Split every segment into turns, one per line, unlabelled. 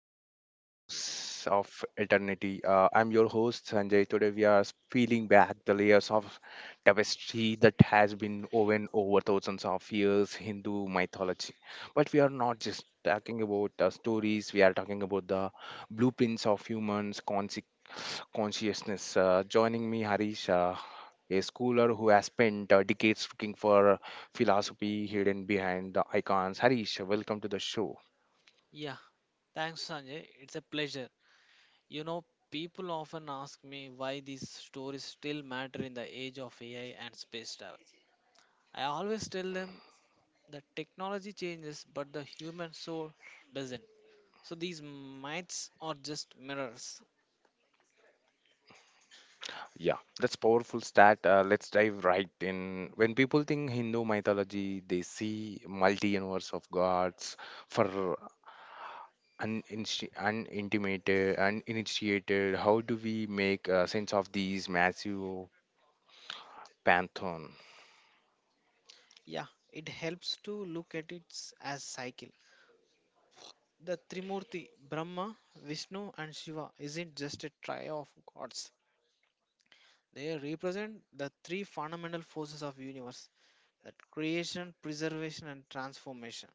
everyone to Echoes of Eternity. I'm your host Sanjay. Today we are peeling back the layers of tapestry that has been woven over thousands of years Hindu mythology. But we are not just talking about stories. We are talking about the blueprints of humans' consciousness. Joining me, Harish. A schooler who has spent decades looking for philosophy hidden behind the icons. Harish, welcome to the show.
Yeah, thanks, Sanjay. It's a pleasure. You know, people often ask me why these stories still matter in the age of AI and space travel. I always tell them that technology changes, but the human soul doesn't. So these myths are just mirrors.
Yeah, that's powerful stat. Let's dive right in. When people think Hindu mythology, they see multi-universe of gods for uninitiated. How do we make sense of these massive pantheon?
Yeah, it helps to look at it as cycle. The Trimurti, Brahma, Vishnu, and Shiva, isn't just a trio of gods. They represent the three fundamental forces of universe that creation, preservation, and transformation.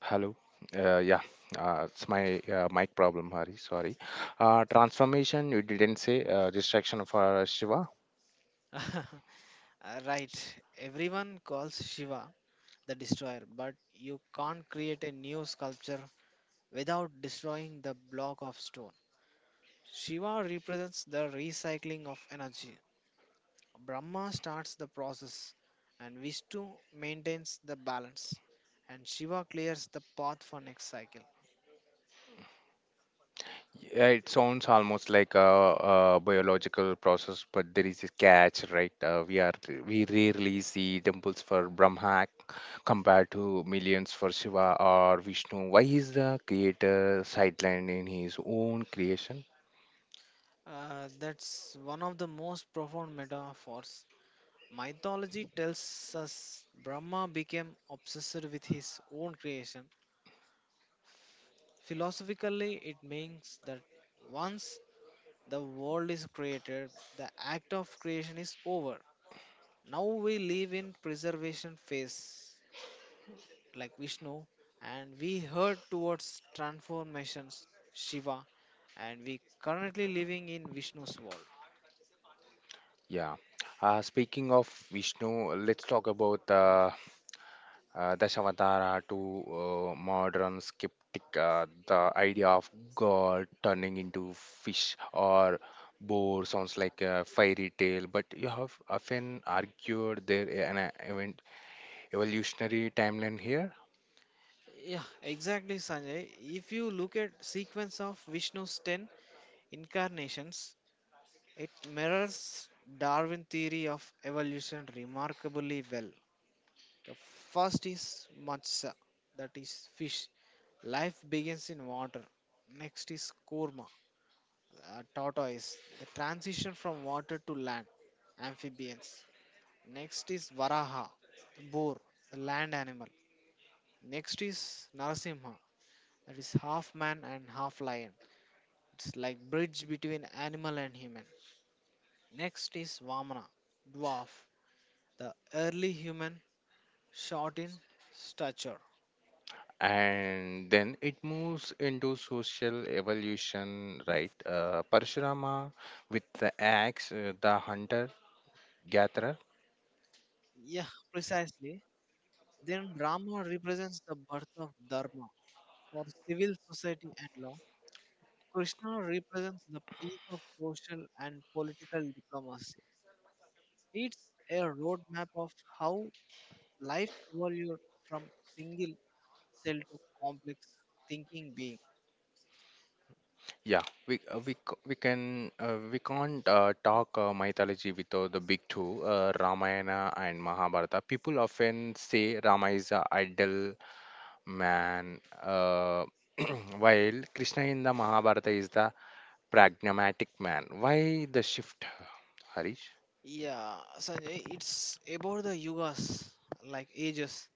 Hello. Uh, yeah, it's my mic problem, Hari. Sorry. Transformation, you didn't say. Distraction for Shiva.
Right, everyone calls Shiva the destroyer, but you can't create a new sculpture without destroying the block of stone. Shiva represents the recycling of energy. Brahma starts the process, and Vishnu maintains the balance, and Shiva clears the path for next cycle.
Yeah, it sounds almost like a biological process, but there is a catch, right? Uh, we rarely see temples for Brahma compared to millions for Shiva or Vishnu. Why is the creator sidelined in his own creation?
That's one of the most profound metaphors. Mythology tells us Brahma became obsessed with his own creation. Philosophically, it means that once the world is created, the act of creation is over. Now we live in preservation phase like Vishnu, and we head towards transformations Shiva, and we currently living in Vishnu's world.
Yeah. Speaking of Vishnu, let's talk about the Dashavatara to modern skeptic, the idea of God turning into fish or boar sounds like a fairy tale, but you have often argued there an evolutionary timeline here.
Yeah, exactly Sanjay. If you look at sequence of Vishnu's 10 incarnations, it mirrors Darwin theory of evolution remarkably well. The first is matcha, that is fish. Life begins in water. Next is korma, tortoise. The transition from water to land, amphibians. Next is varaha, the boar, the land animal. Next is narasimha, that is half man and half lion. It's like bridge between animal and human. Next is vamana, dwarf. The early human short in stature.
And then it moves into social evolution, right? Parshurama with the axe, the hunter gatherer.
Yeah, precisely. Then Rama represents the birth of Dharma for civil society and law. Krishna represents the peak of social and political diplomacy. It's a roadmap of how life evolved from single cell to complex thinking being.
Yeah, we can't talk mythology without the big two, Ramayana and Mahabharata. People often say Rama is a idle man, while Krishna in the Mahabharata is the pragmatic man. Why the shift, Harish?
Yeah, Sanjay, it's about the yugas, like ages,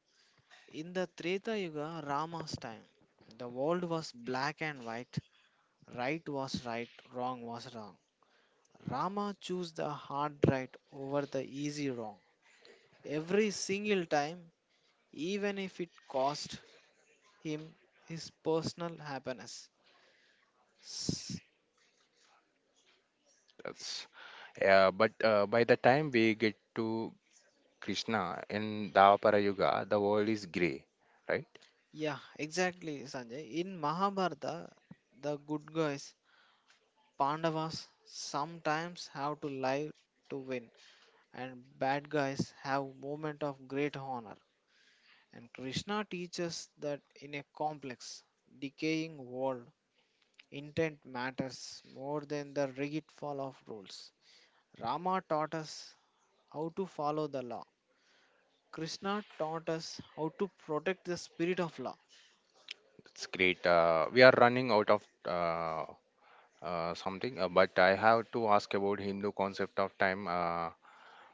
in the Treta Yuga, Rama's time, the world was black and white. Right was right, wrong was wrong. Rama chose the hard right over the easy wrong. Every single time, even if it cost him his personal happiness. S-
That's yeah, but By the time we get to Krishna in Dwapara Yuga, the world is grey, right?
Yeah, exactly, Sanjay. In Mahabharata, the good guys, Pandavas, sometimes have to lie to win, and bad guys have moment of great honor. And Krishna teaches that in a complex, decaying world, intent matters more than the rigid follow of rules. Rama taught us how to follow the law. Krishna taught us how to protect the spirit of law.
It's great. We are running out of something, but I have to ask about Hindu concept of time. Uh,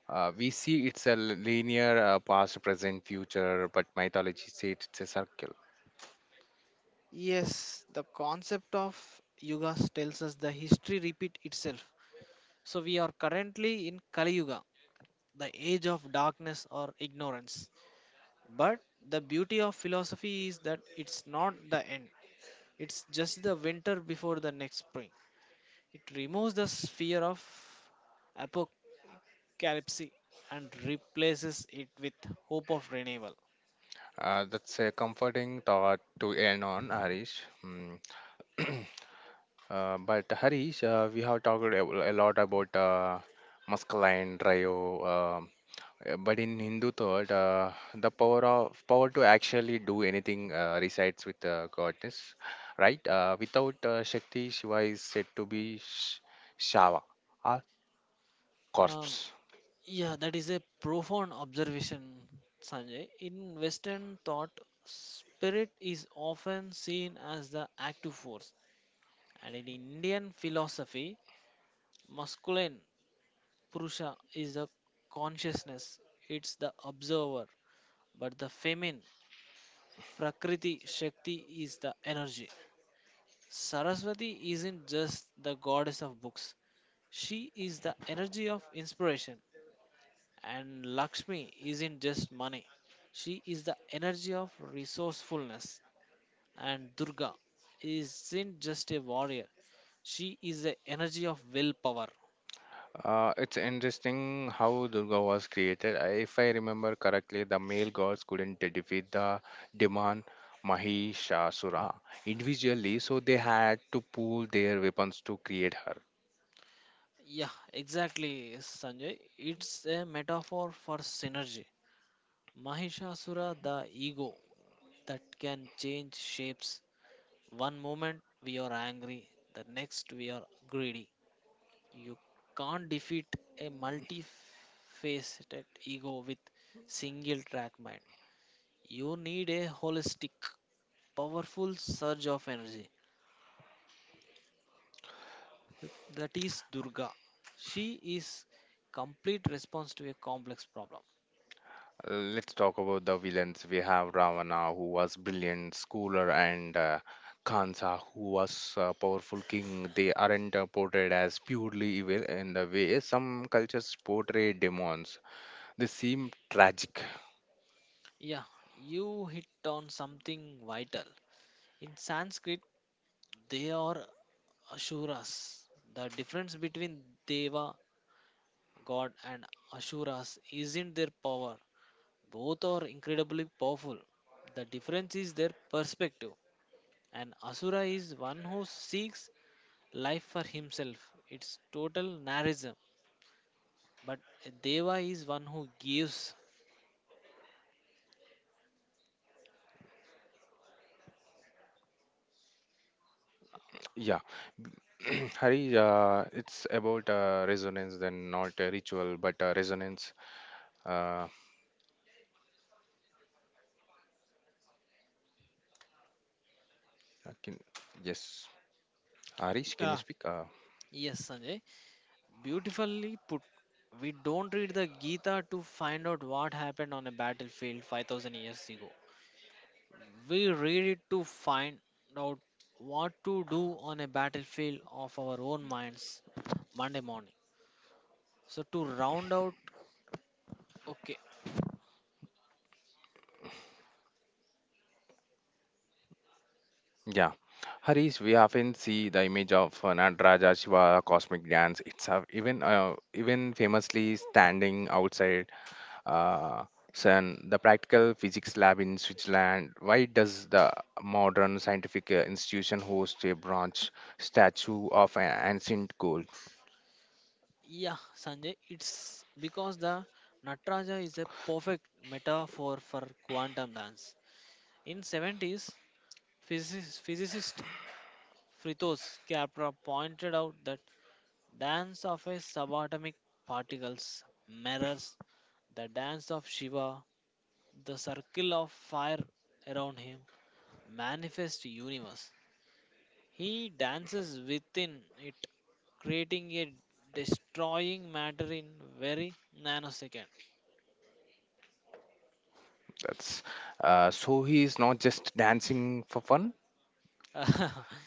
uh, We see it's a linear past, present, future, but mythology says it's a circle.
Yes, the concept of yugas tells us the history repeat itself. So we are currently in Kali Yuga, the age of darkness or ignorance. But the beauty of philosophy is that it's not the end. It's just the winter before the next spring. It removes the sphere of apocalypse and replaces it with hope of renewal.
That's a comforting thought to end on, Harish. Hmm. But Harish, we have talked a lot about masculine drive, um, but in Hindu thought, the power of power to actually do anything resides with the goddess, right? Without Shakti, Shiva is said to be Shava or
Uh,
corpse.
yeah, that is a profound observation, Sanjay. In Western thought, spirit is often seen as the active force, and in Indian philosophy, masculine Purusha is the consciousness, it's the observer, but the feminine Prakriti Shakti is the energy. Saraswati isn't just the goddess of books, she is the energy of inspiration. And Lakshmi isn't just money, she is the energy of resourcefulness. And Durga isn't just a warrior, she is the energy of willpower.
It's interesting how Durga was created. If I remember correctly, the male gods couldn't defeat the demon Mahishasura individually, so they had to pool their weapons to create her.
Yeah, exactly, Sanjay. It's a metaphor for synergy. Mahishasura, the ego that can change shapes. One moment we are angry, the next we are greedy. You can't defeat a multifaceted ego with single track mind. You need a holistic, powerful surge of energy. That is Durga. She is complete response to a complex problem.
Let's talk about the villains. We have Ravana, who was brilliant schooler, and Kansa, who was a powerful king. They aren't portrayed as purely evil in the way some cultures portray demons. They seem tragic.
Yeah, you hit on something vital. In Sanskrit, they are asuras. The difference between deva God and Asuras isn't their power. Both are incredibly powerful. The difference is their perspective. An Asura is one who seeks life for himself. It's total narcissism. But a Deva is one who gives.
Yeah. Hari, it's about resonance, then not a ritual, but resonance. Uh, can, yes, Harish, can you
Yeah,
speak?
yes, Sanjay. Beautifully put. We don't read the Gita to find out what happened on a battlefield 5000 years ago. We read it to find out what to do on a battlefield of our own minds Monday morning. So to round out, okay,
Yeah, Harish, we often see the image of Nataraja Shiva cosmic dance itself, even even famously standing outside uh, sun, the practical physics lab in Switzerland. Why does the modern scientific institution host a bronze statue of an ancient god?
yeah, Sanjay, it's because the Nataraja is a perfect metaphor for quantum dance. In 70s, physicist Fritos Capra pointed out that dance of a subatomic particles mirrors the dance of Shiva, the circle of fire around him manifest universe. He dances within it, creating a destroying matter in very nanosecond.
That's so he is not just dancing for fun.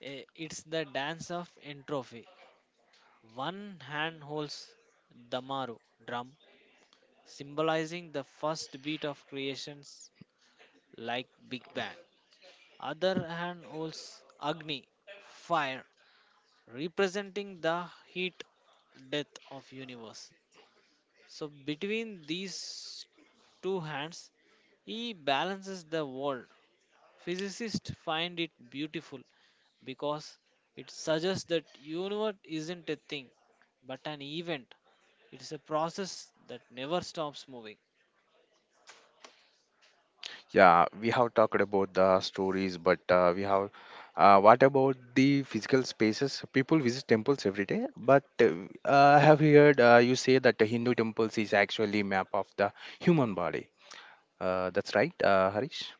It's the dance of entropy. One hand holds Damaru drum, symbolizing the first beat of creations like Big Bang. Other hand holds Agni, fire, representing the heat death of universe. So between these two hands, he balances the world. Physicists find it beautiful because it suggests that universe isn't a thing but an event. It's a process that never stops moving.
Yeah, we have talked about the stories, but we have what about the physical spaces? People visit temples every day, but I have heard you say that the Hindu temples is actually map of the human body. That's right, Harish.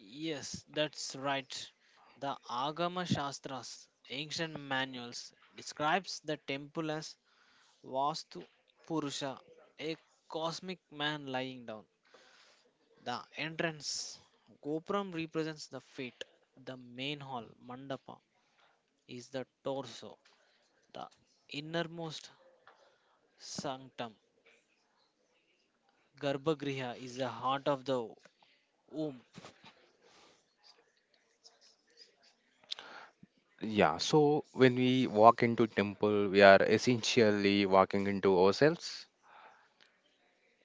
Yes, that's right. The Agama Shastras, ancient manuals, describes the temple as Vastu Purusha, a cosmic man lying down. The entrance, Gopuram represents the fate. The main hall, Mandapa, is the torso, the innermost sanctum. Garbhagriha is the heart of the womb.
Yeah, so when we walk into temple, we are essentially walking into ourselves.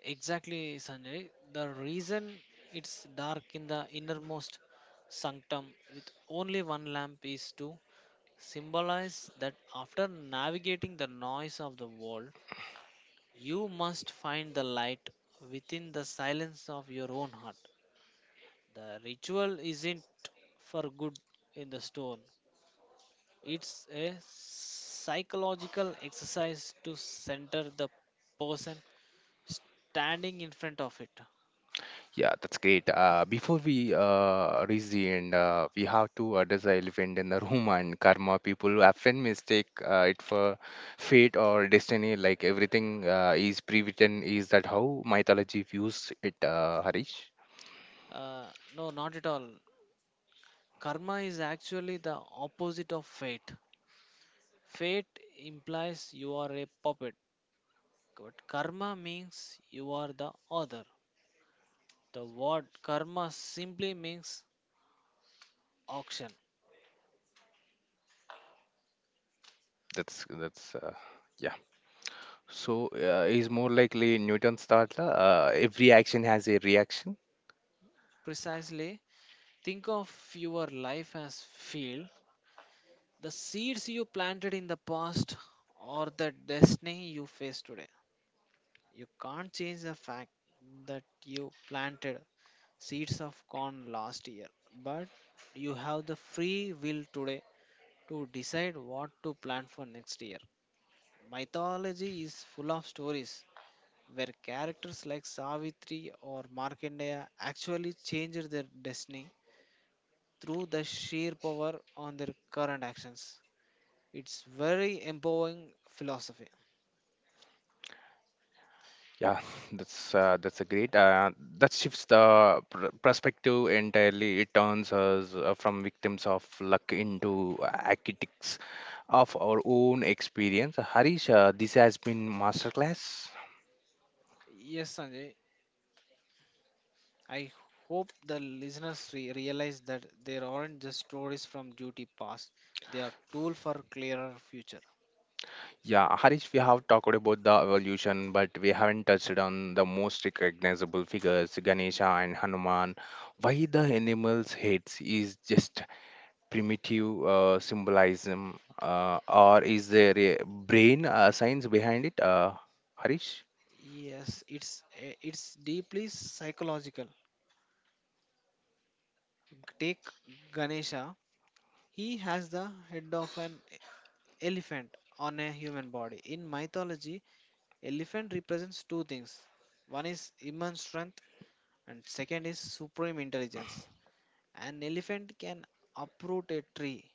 Exactly, Sanjay. The reason it's dark in the innermost sanctum with only one lamp is to symbolize that after navigating the noise of the world, you must find the light within the silence of your own heart. The ritual isn't for good in the stone, it's a psychological exercise to center the person standing in front of it.
Yeah, that's great. Before we reach the end, we have to address the elephant in the room and karma. People often mistake it for fate or destiny. Like everything is pre-written. Is that how mythology views it, Harish?
Uh, no, not at all. Karma is actually the opposite of fate. Fate implies you are a puppet, but karma means you are the author. The word karma simply means auction.
That's Yeah. So is more likely Newton's thought. Every action has a reaction.
Precisely, think of your life as field. The seeds you planted in the past or the destiny you face today. You can't change the fact that you planted seeds of corn last year, but you have the free will today to decide what to plant for next year. Mythology is full of stories where characters like Savitri or Markandeya actually changed their destiny through the sheer power on their current actions. It's very empowering philosophy.
Yeah, that's a great. That shifts the pr perspective entirely. It turns us from victims of luck into architects of our own experience. Harish, this has been masterclass.
Yes, Sanjay. I hope the listeners realize that there aren't just stories from duty past. They are tool for clearer future.
Yeah, Harish, we have talked about the evolution, but we haven't touched on the most recognizable figures, Ganesha and Hanuman. Why the animals' heads is just primitive symbolism, or is there a brain science behind it, Harish?
Yes, it's deeply psychological. Take Ganesha. He has the head of an elephant on a human body. In mythology, elephant represents two things. One is immense strength and second is supreme intelligence. An elephant can uproot a tree,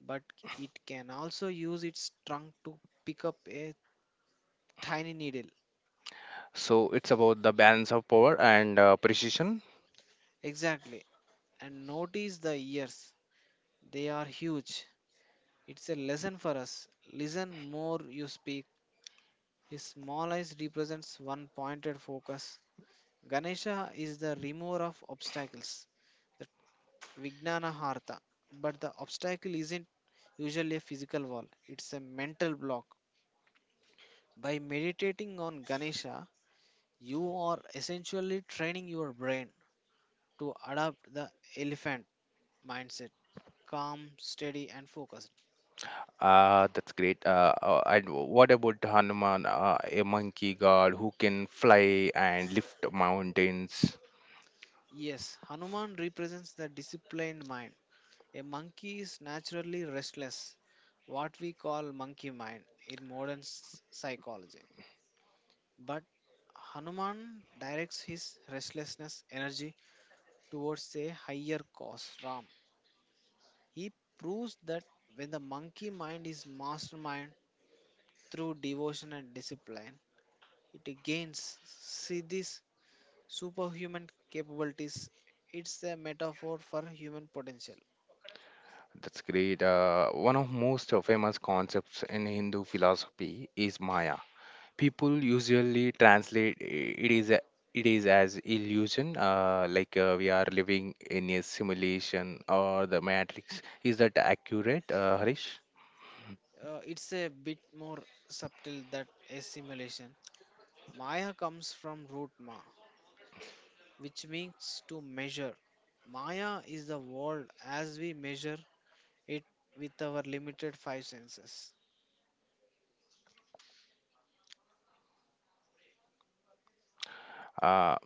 but it can also use its trunk to pick up a tiny needle.
So it's about the balance of power and precision.
Exactly. And notice the ears. They are huge. It's a lesson for us. Listen more you speak. His small eyes represents one pointed focus. Ganesha is the remover of obstacles, the Vijnana Harta. But the obstacle isn't usually a physical wall, it's a mental block. By meditating on Ganesha, you are essentially training your brain to adopt the elephant mindset calm, steady, and focused.
That's great. And what about Hanuman, a monkey god who can fly and lift mountains?
Yes, Hanuman represents the disciplined mind. A monkey is naturally restless, what we call monkey mind in modern psychology. But Hanuman directs his restlessness energy towards a higher cause, Ram. He proves that when the monkey mind is mastermind through devotion and discipline, it gains, see these superhuman capabilities. It's a metaphor for human potential.
That's great. One of most famous concepts in Hindu philosophy is Maya. People usually translate it it is as illusion like we are living in a simulation or the matrix. Is that accurate, Harish?
It's a bit more subtle than a simulation. Maya comes from root ma, which means to measure. Maya is the world as we measure it with our limited five senses.
Uh,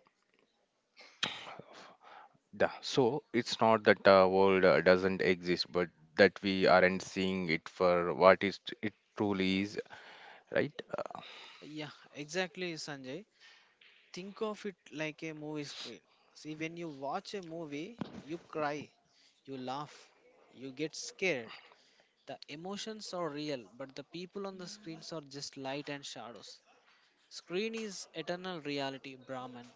the, so it's not that the world doesn't exist, but that we aren't seeing it for what is it it truly is, right?
Yeah, exactly, Sanjay. Think of it like a movie screen. See, when you watch a movie, you cry, you laugh, you get scared, the emotions are real, but the people on the screens are just light and shadows. Screen is eternal reality, Brahman,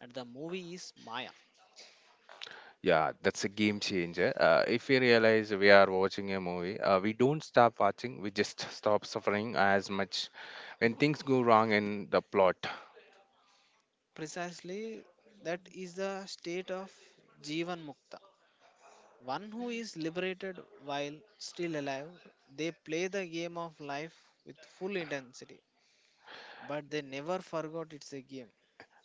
and the movie is Maya.
Yeah, that's a game changer. If we realize we are watching a movie, we don't stop watching, we just stop suffering as much when things go wrong in the plot.
Precisely, that is the state of Jivan Mukta. One who is liberated while still alive, they play the game of life with full intensity, but they never forgot it's a game.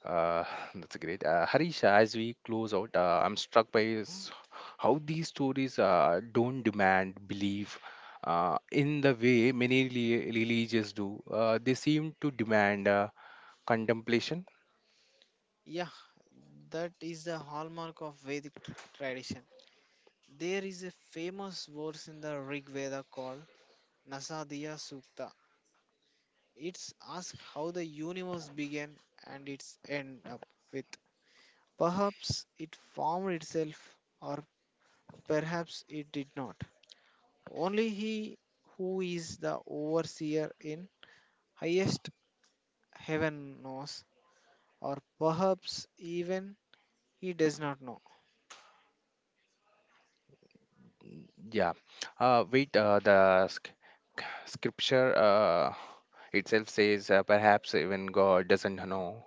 Uh, that's great. Harish, as we close out, I'm struck by is how these stories don't demand belief in the way many religions do. They seem to demand contemplation.
Yeah, that is the hallmark of Vedic tradition. There is a famous verse in the Rig Veda called Nasadiya Sukta. It's asked how the universe began and its end up with. Perhaps it formed itself, or perhaps it did not. Only he who is the overseer in highest heaven knows, or perhaps even he does not know.
Yeah. Uh, wait, uh, the sc- Scripture itself says perhaps even God doesn't know.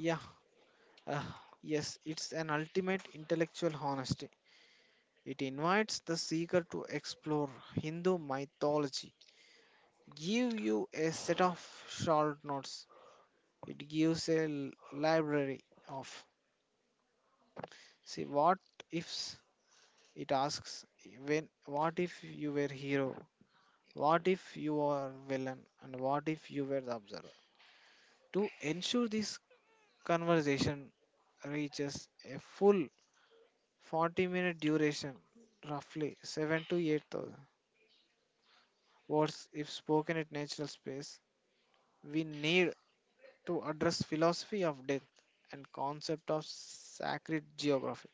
Yeah, yes, it's an ultimate intellectual honesty. It invites the seeker to explore Hindu mythology give you a set of short notes. It gives a library of. See, what ifs it asks when what if you were hero? What if you are villain? And what if you were the observer? To ensure this conversation reaches a full 40-minute duration, roughly 7 to 8,000 words if spoken at natural space, we need to address philosophy of death and concept of sacred geography.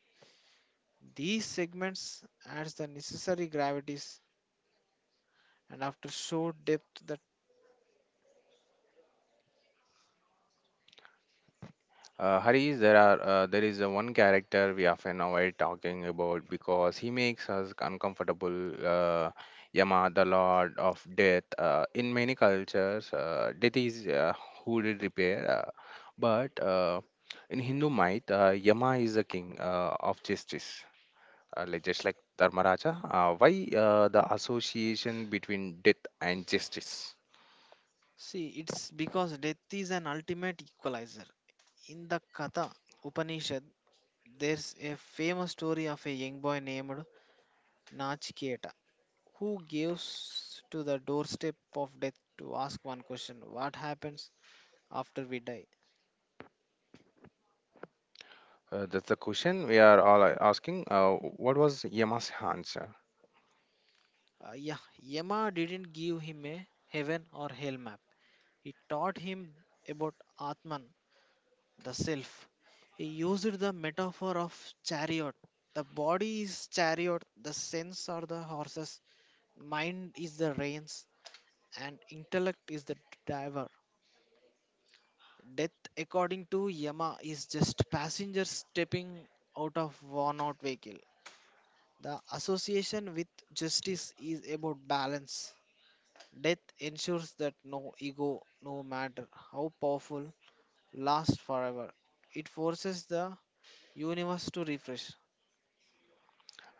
These segments adds the necessary gravities and after show depth that
Harish, there is one character we often avoid talking about because he makes us uncomfortable. Yama, the Lord of Death. In many cultures, death is who did repair, but in Hindu myth, Yama is the king of justice, like, just like Dharmaraja. Why the association between death and justice?
see it's because death is an ultimate equalizer. In the Katha Upanishad, there's a famous story of a young boy named Nachiketa who gives to the doorstep of death to ask one question what happens after we die?
That's the question we are all asking. What was Yama's answer?
Yeah, Yama didn't give him a heaven or hell map. He taught him about Atman, the self. He used the metaphor of chariot. The body is chariot, the sense are the horses, mind is the reins, and intellect is the driver. Death, according to Yama, is just passenger stepping out of worn out vehicle. The association with justice is about balance. Death ensures that no ego, no matter how powerful, last forever. It forces the universe to refresh.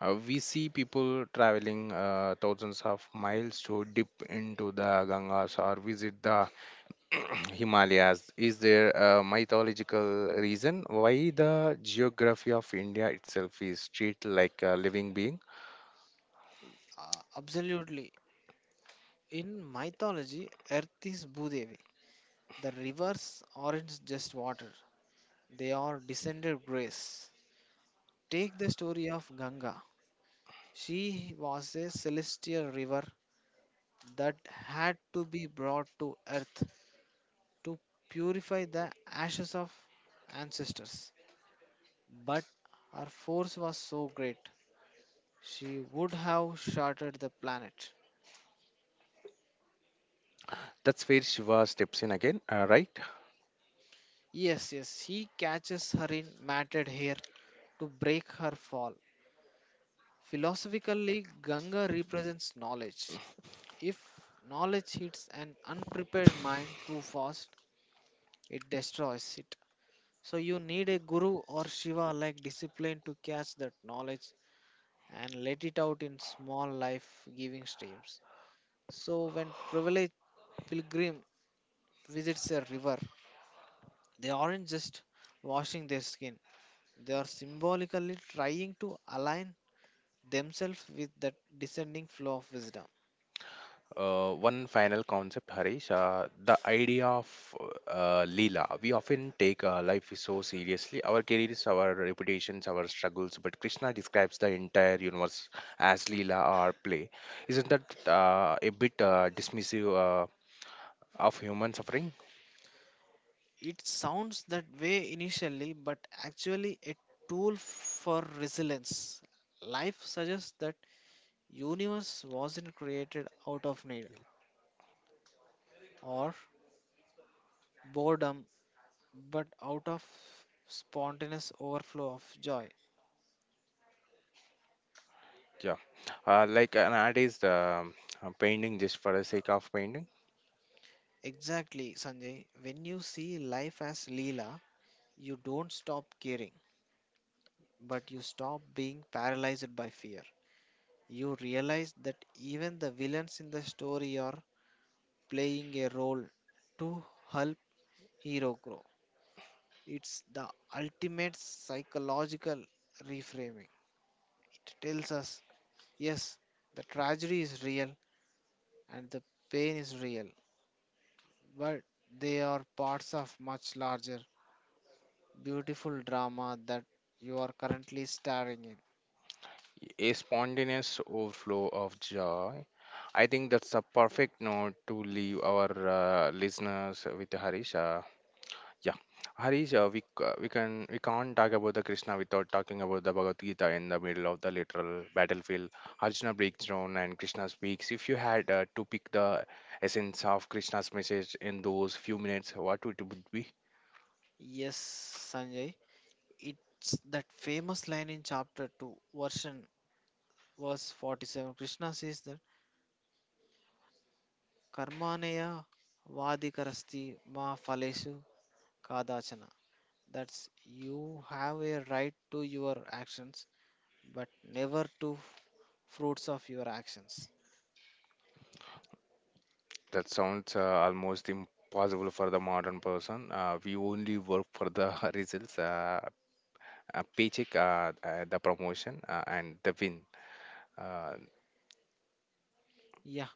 We see people traveling thousands of miles to dip into the Gangas or visit the Himalayas. Is there a mythological reason why the geography of India itself is treated like a living being?
Absolutely. In mythology, Earth is Bhudevi. The rivers aren't just water, they are descended grace. Take the story of Ganga. She was a celestial river that had to be brought to Earth to purify the ashes of ancestors. But her force was so great, she would have shattered the planet.
That's where Shiva steps in again, right?
Yes, yes, he catches her in matted hair to break her fall. Philosophically, Ganga represents knowledge. If knowledge hits an unprepared mind too fast, it destroys it. So, you need a guru or Shiva like discipline to catch that knowledge and let it out in small life giving streams. So, when privileged pilgrim visits a river, they aren't just washing their skin, they are symbolically trying to align themselves with that descending flow of wisdom.
One final concept, Harish, the idea of Leela. We often take life is so seriously, our careers, our reputations, our struggles, but Krishna describes the entire universe as Leela or play. Isn't that a bit dismissive of human suffering?
It sounds that way initially, but actually a tool for resilience. Life suggests that universe wasn't created out of need or boredom, but out of spontaneous overflow of joy.
Yeah. Like nowadays, the painting just for the sake of painting.
Exactly, Sanjay. When you see life as Leela, you don't stop caring, but you stop being paralyzed by fear. You realize that even the villains in the story are playing a role to help hero grow. It's the ultimate psychological reframing. It tells us, yes, the tragedy is real and the pain is real, but they are parts of much larger, beautiful drama that you are currently starring in.
A spontaneous overflow of joy. I think that's a perfect note to leave our listeners with Harisha. Yeah, Harisha, we can't talk about the Krishna without talking about the Bhagavad Gita in the middle of the literal battlefield. Arjuna breaks down and Krishna speaks. If you had to pick the essence of Krishna's message in those few minutes, what would it would be?
Yes, Sanjay, it's that famous line in chapter 2, version verse 47, Krishna says that Karmaneya Vadikarasti Ma Phalesu Kadachana. That's you have a right to your actions, but never to fruits of your actions.
That sounds almost impossible for the modern person. We only work for the results. Paycheck, the promotion, and the win. Uh,
Yeah,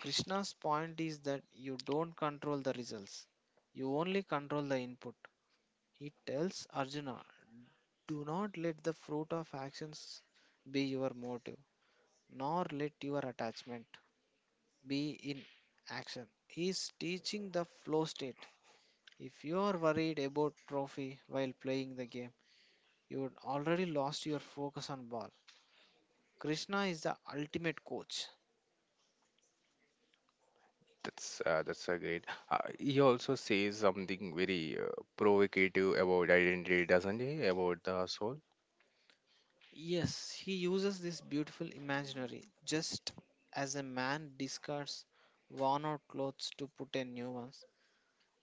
Krishna's point is that you don't control the results, you only control the input. He tells Arjuna, do not let the fruit of actions be your motive, nor let your attachment be in action is teaching the flow state. If you are worried about trophy while playing the game, you would already lost your focus on ball. Krishna is the ultimate coach.
that's a great. He also says something very provocative about identity, doesn't he? About the soul.
Yes, he uses this beautiful imaginary just as a man discards worn out clothes to put in new ones.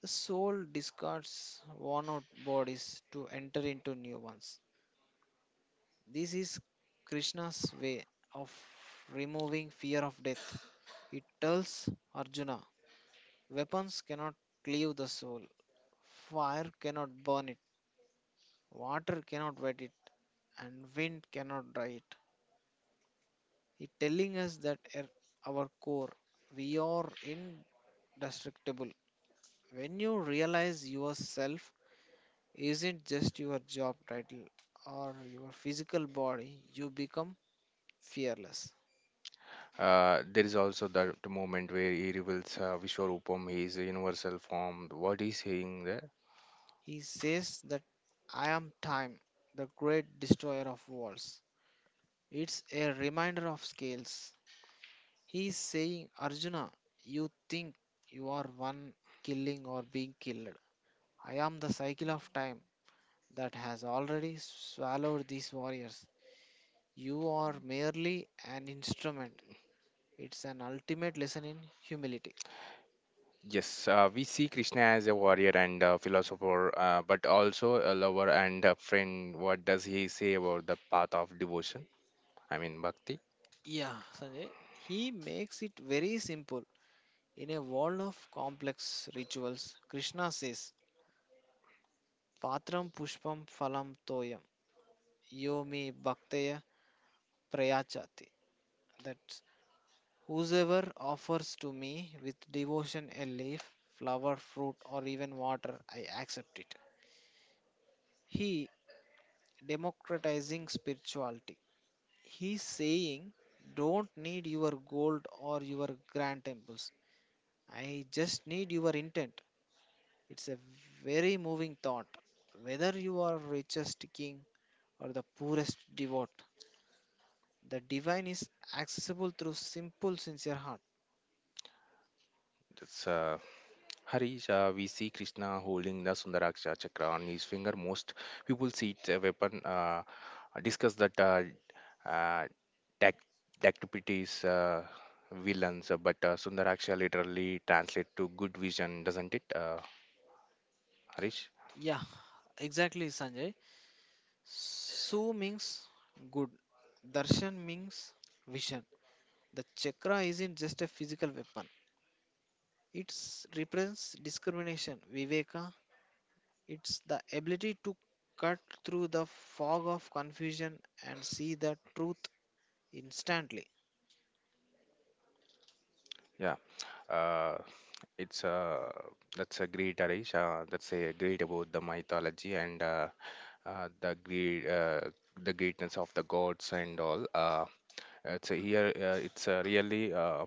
The soul discards worn out bodies to enter into new ones. This is Krishna's way of removing fear of death. He tells Arjuna, weapons cannot cleave the soul, fire cannot burn it, water cannot wet it, and wind cannot dry it. He telling us that at our core, we are indestructible. When you realize yourself isn't just your job title or your physical body, you become fearless.
There is also that moment where he reveals Vishwarupam, his universal form. What is saying there?
He says that I am time, the great destroyer of walls. It's a reminder of scales. He's saying, Arjuna, you think you are one killing or being killed. I am the cycle of time that has already swallowed these warriors. You are merely an instrument. It's an ultimate lesson in humility.
Yes, we see Krishna as a warrior and a philosopher, but also a lover and a friend. What does he say about the path of devotion? I mean, bhakti.
Yeah, Sanjay, he makes it very simple. In a world of complex rituals, Krishna says, Patram Pushpam Phalam Toyam Yomi Bhaktaya Prayachati. That whosoever offers to me with devotion a leaf, flower, fruit, or even water, I accept it. He democratizing spirituality. He's saying, don't need your gold or your grand temples. I just need your intent. It's a very moving thought. Whether you are richest king or the poorest devote, the divine is accessible through simple, sincere heart.
That's Harish, we see Krishna holding the Sundaraksha chakra on his finger. Most people see it a weapon. Discuss that uh, tac- tactipities, villains, but Sundaraksha literally translates to good vision, doesn't it, Harish?
Yeah, exactly, Sanjay. Su means good, darshan means vision. The chakra isn't just a physical weapon, it represents discrimination, viveka. It's the ability to cut through the fog of confusion and see the truth instantly.
Yeah, uh, it's that's a great, Arish. That's a great about the mythology and uh, the great uh, the greatness of the gods and all. It's a really uh,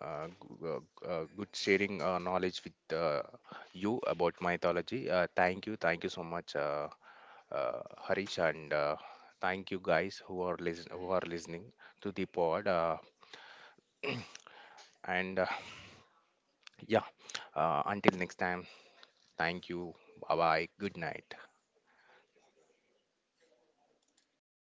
uh, g- uh, g- uh, good sharing knowledge with you about mythology. Thank you so much, uh, Harish, and thank you guys who are listen who are listening to the pod. And Yeah, until next time. Thank you. Bye bye. Good night.